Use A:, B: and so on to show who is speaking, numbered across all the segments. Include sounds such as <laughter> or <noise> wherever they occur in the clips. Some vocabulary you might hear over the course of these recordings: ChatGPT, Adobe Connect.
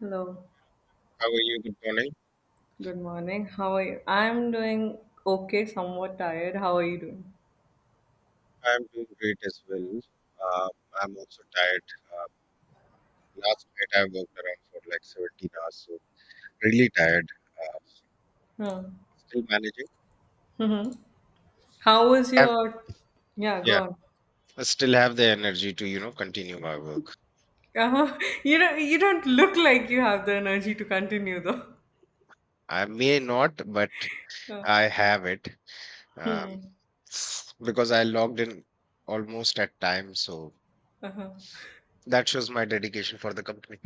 A: Hello,
B: How are you? Good morning.
A: good morning. How are you? I'm doing okay, somewhat tired. How are you doing?
B: I'm doing great as well. I'm also tired. Uh, last night I worked around for like 17 hours, so really tired. Uh,
A: Huh.
B: still managing.
A: Mhm. How was
B: Have
A: your? Yeah, go
B: yeah,
A: on.
B: I still have the energy to continue my work.
A: Uh-huh. <laughs> You don't. You don't look like you have the energy to continue, though.
B: I may not, but
A: Uh,
B: I have it um,
A: hmm.
B: because I logged in almost at time. So
A: Uh-huh.
B: that shows my dedication for the company.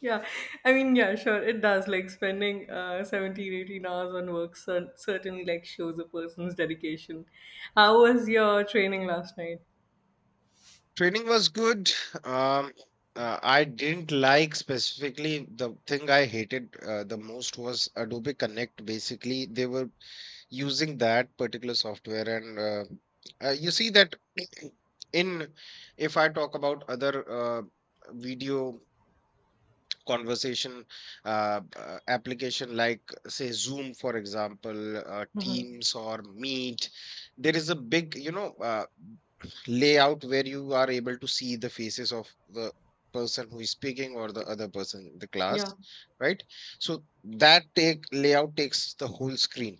A: Yeah, sure, it does. Like spending 17, 18 hours on work certainly like shows a person's dedication. How was your training last night?
B: Training was good. Um, I didn't like specifically the thing I hated the most was Adobe Connect. Basically, they were using that particular software, and you see that <clears throat> in if I talk about other video conversation application like say Zoom for example,
A: Mm-hmm.
B: teams or meet. There is a big layout where you are able to see the faces of the person who is speaking or the other person in the class,
A: Yeah.
B: right? So that take layout takes the whole screen.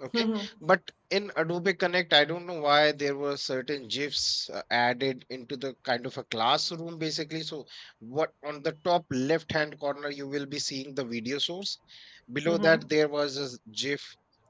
B: Okay,
A: Mm-hmm.
B: but in Adobe Connect, I don't know why there were certain GIFs added into the kind of a classroom basically. So, what, on the top left hand corner, you will be seeing the video source. Below
A: Mm-hmm.
B: that, there was a GIF,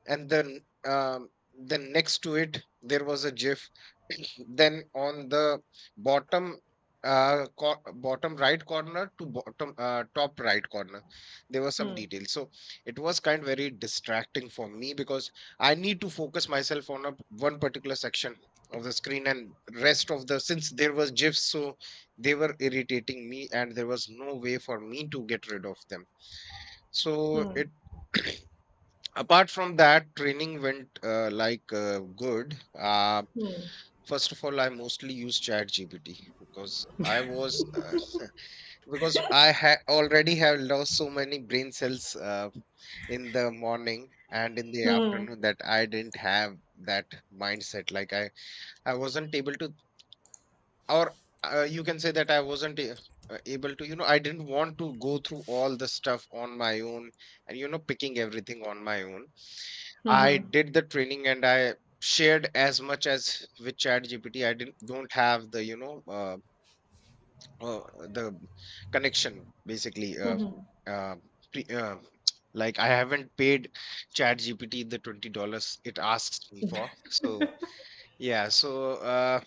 B: and um, then next to it, there was a GIF. <clears throat> Then on the bottom bottom right corner to bottom top right corner, there were some
A: Mm-hmm.
B: details. So it was kind of very distracting for me because I need to focus myself on a one particular section of the screen and rest of the, since there was GIFs, so they were irritating me and there was no way for me to get rid of them. So
A: Mm-hmm.
B: it <clears throat> apart from that, training went good. First of all, I mostly use ChatGPT because I was, uh, because I already have lost so many brain cells in the morning and in the afternoon that I didn't have that mindset. Like I wasn't able to, or you can say that I wasn't able to. You know, I didn't want to go through all the stuff on my own, and picking everything on my own. I did the training and I shared as much as with ChatGPT. I didn't don't have the uh, the connection basically, uh, pre- uh, like I haven't paid Chat GPT the $20 it asks me for. So, yeah, so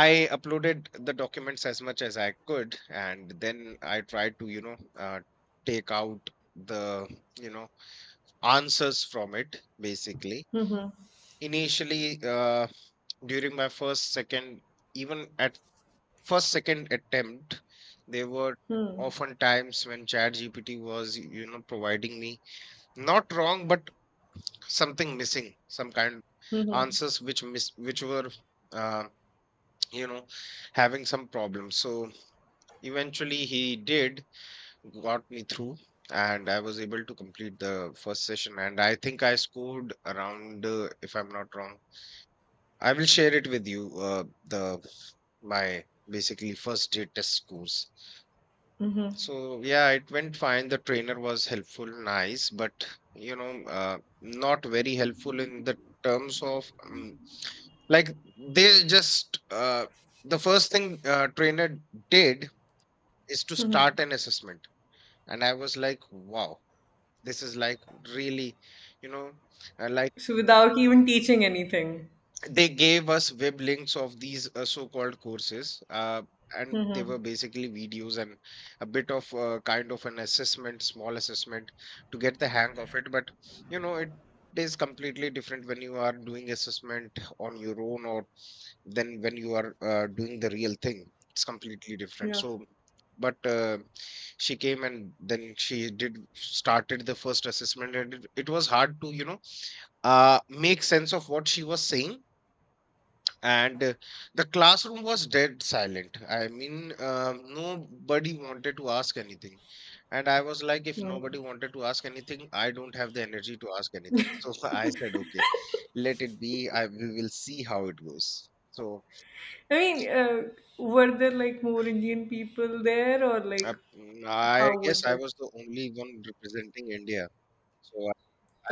B: I uploaded the documents as much as I could and then I tried to, take out the you know answers from it basically.
A: Mhm.
B: Initially, during my first second, even at first second attempt, there were
A: Hmm.
B: often times when Chat GPT was, providing me not wrong but something missing, some kind of
A: Mhm.
B: answers which miss which were, uh, you know having some problems. So eventually he did got me through and I was able to complete the first session and I think I scored around, if I'm not wrong, I will share it with you uh, the my basically first day test scores. So yeah, it went fine. The trainer was helpful, nice, but not very helpful in the terms of, like they just, the first thing trainer did is to
A: Mhm.
B: start an assessment, and I was like, wow, this is like really, you know, uh, like
A: So without even teaching anything.
B: they gave us web links of these so-called courses, and they were
A: Mhm.
B: basically videos and a bit of kind of an assessment, small assessment to get the hang of it. But it is completely different when you are doing assessment on your own or then when you are doing the real thing. It's completely different.
A: Yeah.
B: So but she came and then she did started the first assessment and it was hard to, make sense of what she was saying. And the classroom was dead silent. I mean, nobody wanted to ask anything, and I was like, if
A: Hmm.
B: nobody wanted to ask anything, I don't have the energy to ask anything. So <laughs> I said okay, let it be, I we will see how it goes. So
A: I mean, were there like more Indian people there or
B: i,
A: like
B: I
A: how
B: guess
A: was
B: I
A: it?
B: was the only one representing India. So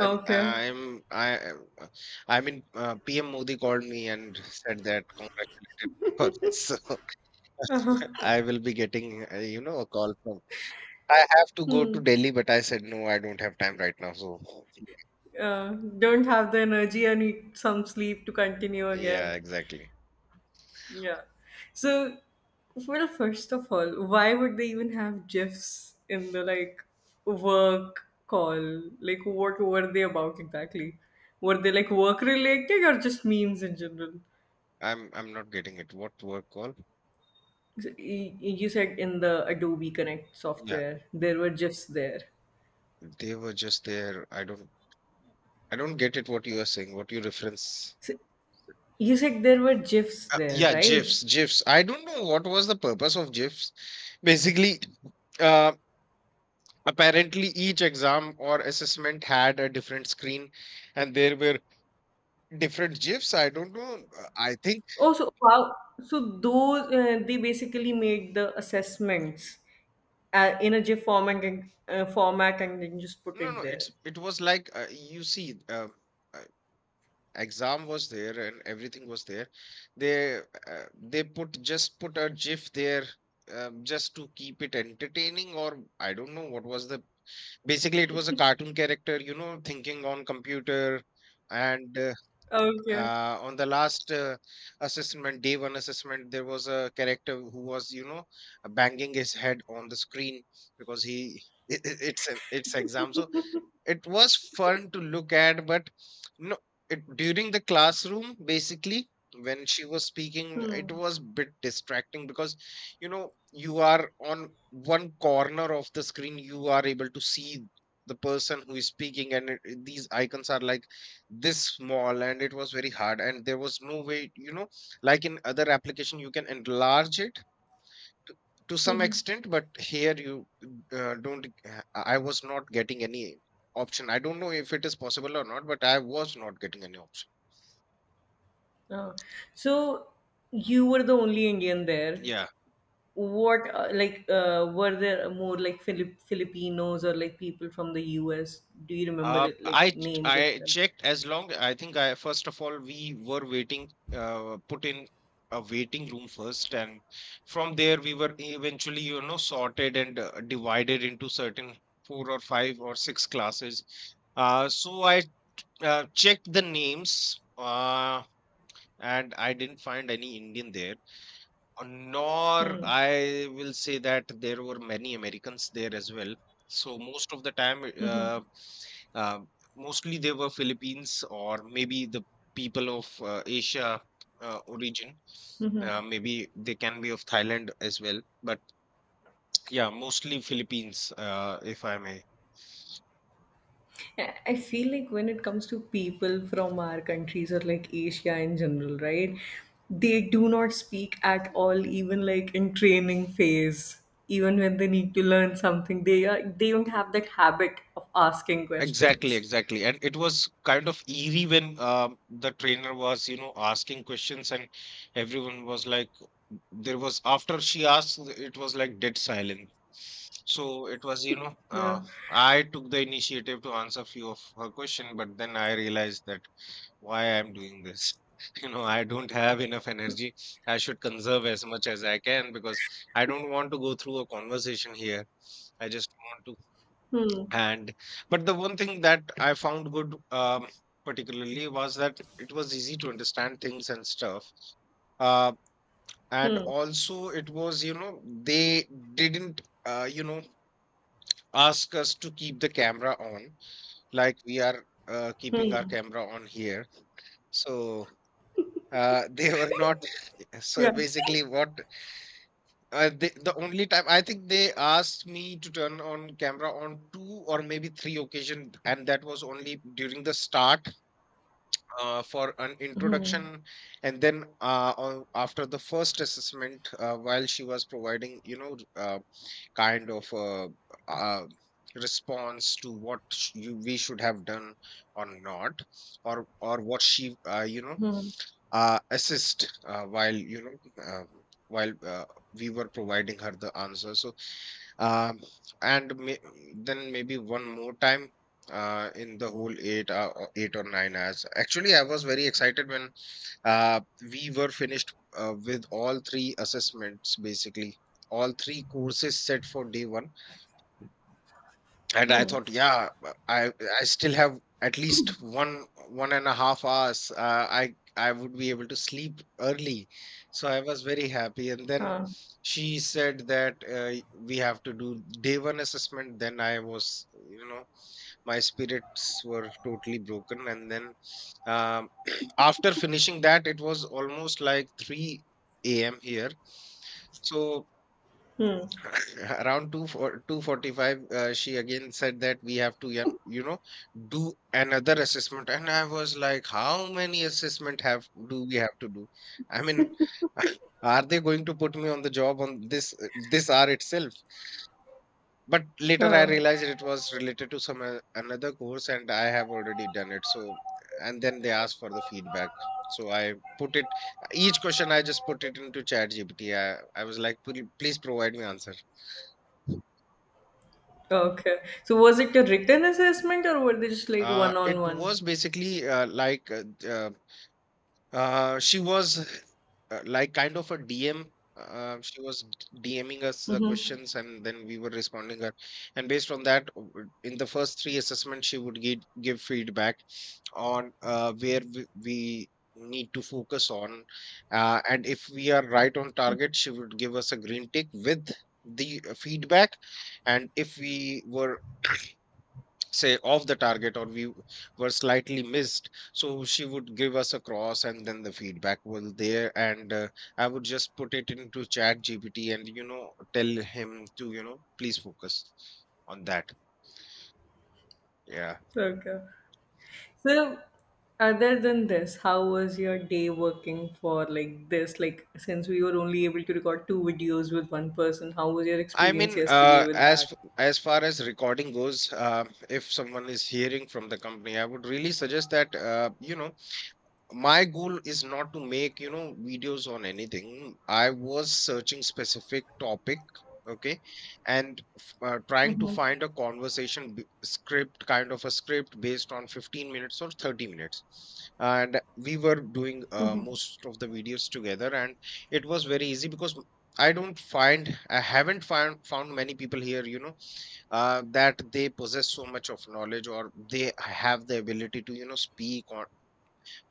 B: I'm uh, I mean PM Modi called me and said that, congratulated me for this. <laughs> So <laughs> I will be getting, a call from. I have to go to
A: Hmm.
B: Delhi, but I said no, I don't have time right now. So
A: Don't have the energy and need some sleep to continue
B: yeah,
A: again.
B: exactly.
A: Yeah. So, well, first of all, why would they even have GIFs in the like work call? Like, what were they about exactly? Were they like work related or just memes in general?
B: I'm not getting it. What work call?
A: So, you said in the Adobe Connect
B: Yeah,
A: software, there were GIFs there.
B: they were just there. I don't get it. What you are saying? What you reference?
A: So, you said there were GIFs
B: Uh,
A: there,
B: yeah,
A: right?
B: GIFs, GIFs. I don't know what was the purpose of GIFs. Basically, uh, apparently each exam or assessment had a different screen, and there were different GIFs. I don't know, I think.
A: Oh, so wow. So those they basically make the assessments in a GIF format and format, and then just put
B: No,
A: it
B: no,
A: there.
B: it was like, uh, exam was there and everything was there. They, they put just put a GIF there, just to keep it entertaining, or I don't know what was the. Basically, it was a cartoon character, you know, thinking on computer, and
A: Okay.
B: on the last assessment, day one assessment, there was a character who was, you know, banging his head on the screen because he <laughs> it's an it's exam, so it was fun to look at. But no, it during the classroom basically, when she was speaking, it
A: Hmm.
B: was bit distracting because you know you are on one corner of the screen, you are able to see the person who is speaking, and these icons are like this small, and it was very hard and there was no way, you know, like in other application you can enlarge it to
A: <laughs>
B: some
A: hmm.
B: extent, but here you don't uh, I was not getting any option. I don't know if it is possible or not, but I was not getting any option.
A: Oh. So you were the only Indian there.
B: Yeah.
A: What were there more like Filipinos or like people from the US? Do you remember
B: Um.
A: it, like
B: I
A: names of
B: I
A: them?
B: checked as long, I think I first of all we were waiting, put in a waiting room first, and from there we were eventually, you know, sorted and divided into certain four or five or six classes. So I checked the names, uh, and I didn't find any Indian there, nor
A: Hmm.
B: I will say that there were many Americans there as well. So most of the time,
A: <laughs> hmm.
B: uh, mostly they were Philippines or maybe the people of Asia origin.
A: Hmm.
B: Maybe they can be of Thailand as well, but yeah, mostly Philippines, if I may.
A: I feel like when it comes to people from our countries or like Asia in general, right? They do not speak at all, even like in training phase. Even when they need to learn something, they don't have that habit of asking
B: Exactly,
A: questions.
B: exactly. And it was kind of eerie when, the trainer was, you know, asking questions and everyone was like, there was, after she asked, it was like dead silent. So it was, you know,
A: Yeah.
B: I took the initiative to answer few of her question, but then I realized that why I'm doing this. <laughs> You know, I don't have enough energy. I should conserve as much as I can because I don't want to go through a conversation here. I just want to,
A: Hmm.
B: and but the one thing that I found good, particularly, was that it was easy to understand things and stuff. Uh, and
A: Hmm.
B: also it was, you know, they didn't, you know, ask us to keep the camera on, like we are keeping our
A: Hmm.
B: camera on here. So <laughs> they were not. <laughs> So
A: Yeah.
B: basically, what the only time I think they asked me to turn on camera on two or maybe three occasion, and that was only during the start, for an introduction, and then after the first assessment, while she was providing, you know, kind of uh, response to what we should have done or not, or what she you know,
A: Hmm.
B: assist while you know, while we were providing her the answer. So uh, and then maybe one more time in the whole eight, or 8 or 9 hours. Actually, I was very excited when, uh, we were finished with all three assessments, basically all three courses set for day one, and I thought, yeah, I still have at least 1.5 hours. I would be able to sleep early, so I was very happy. And then
A: Huh.
B: she said that we have to do day one assessment. Then I was, you know, my spirits were totally broken. And then, um, <clears throat> after finishing that, it was almost like 3 a.m. here. So around 2 for 2:45 she again said that we have to do another assessment. And I was like, how many assessment have do we have to do? i mean <laughs> are they going to put me on the job on this hour itself? But later I
A: Huh.
B: realized it was related to some another course and I have already done it. So and then they asked for the feedback, so I put it. Each question, I just put it into chat gpt. I was like, "Please provide me answer."
A: Okay. So was it a written assessment or were they just like one on
B: It
A: one?
B: was basically she was like kind of a DM. She was DMing us the
A: Mm-hmm.
B: questions, and then we were responding her. And based on that, in the first three assessments, she would give feedback on where we need to focus on, and if we are right on target, she would give us a green tick with the feedback. And if we were, say, off the target, or we were slightly missed, so she would give us a cross and then the feedback was there. And I would just put it into chat gpt and tell him to please focus on that. Yeah.
A: Okay. So, other than this, how was your day working for like this? Like, since we were only able to record two videos with one person, how was your experience yesterday with
B: As
A: that?
B: as far as recording goes, if someone is hearing from the company, I would really suggest that, my goal is not to make, videos on anything. I was searching specific topic, okay, and trying to
A: Hmm.
B: find a conversation b- script kind of a script based on 15 minutes or 30 minutes. And we were doing most of the videos together, and it was very easy because I don't find, I haven't found many people here, you know, that they possess so much of knowledge, or they have the ability to, you know, speak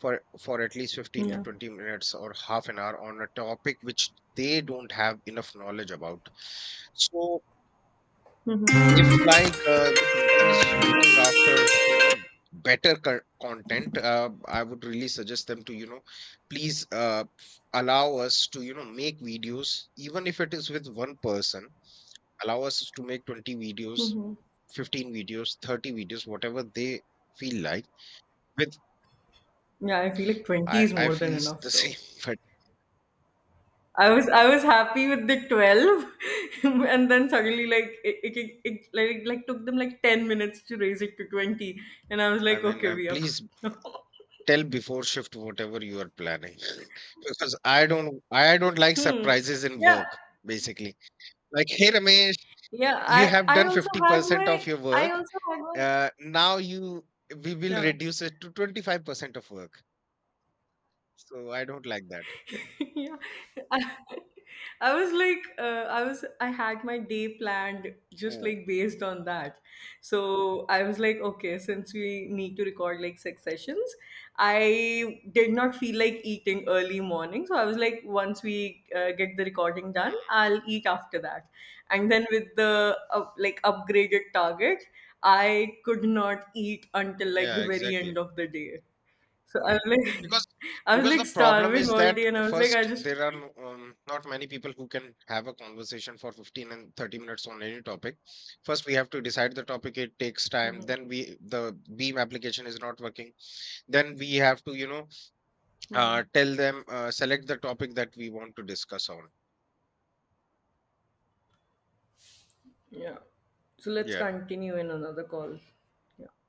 B: for at least 15 to
A: Yeah,
B: 20 minutes or half an hour on a topic which they don't have enough knowledge about. So if, like, the company is looking after, you know, better content, I would really suggest them to, you know, please allow us to, you know, make videos, even if it is with one person. Allow us to make 20 videos, 15 videos, 30 videos, whatever they feel like. With
A: yeah. I feel like 20
B: i
A: is
B: i
A: more than
B: feel the
A: enough,
B: same,
A: though.
B: <laughs> but
A: I was happy with the 12, <laughs> and then suddenly like it took them like 10 minutes to raise it to 20, and I was
B: I
A: like,
B: mean,
A: okay, we are
B: please
A: fucked now. <laughs>
B: tell before shift whatever you are planning, <laughs> because I don't like
A: Hmm.
B: surprises in
A: Yeah.
B: work. Basically, like, hey Ramesh,
A: Yeah.
B: you have done 50% of your
A: I
B: work,
A: also had my
B: now you, we will
A: Yeah.
B: reduce it to 25% of work. So I don't like that.
A: <laughs> Yeah. I, I was like, I had my day planned just
B: Oh.
A: like based on that. So I was like, okay, since we need to record like six sessions, I did not feel like eating early morning. So I was like, once we get the recording done,
B: Mm,
A: I'll eat after that. And then with the like upgraded target, I could not eat until
B: mm,
A: like
B: yeah,
A: the very
B: exactly,
A: end of the day. So I was like,
B: because
A: <laughs> I was like
B: the problem
A: starving
B: is
A: all
B: that
A: day, and I was like, I
B: first
A: just,
B: there are not many people who can have a conversation for 15 and 30 minutes on any topic. First we have to decide the topic, it takes time,
A: Mhm.
B: then we, the beam application is not working, then we have to, you know,
A: Mhm.
B: tell them, select the topic that we want to discuss on.
A: Yeah. So let's
B: Yeah.
A: continue in another call. Yeah.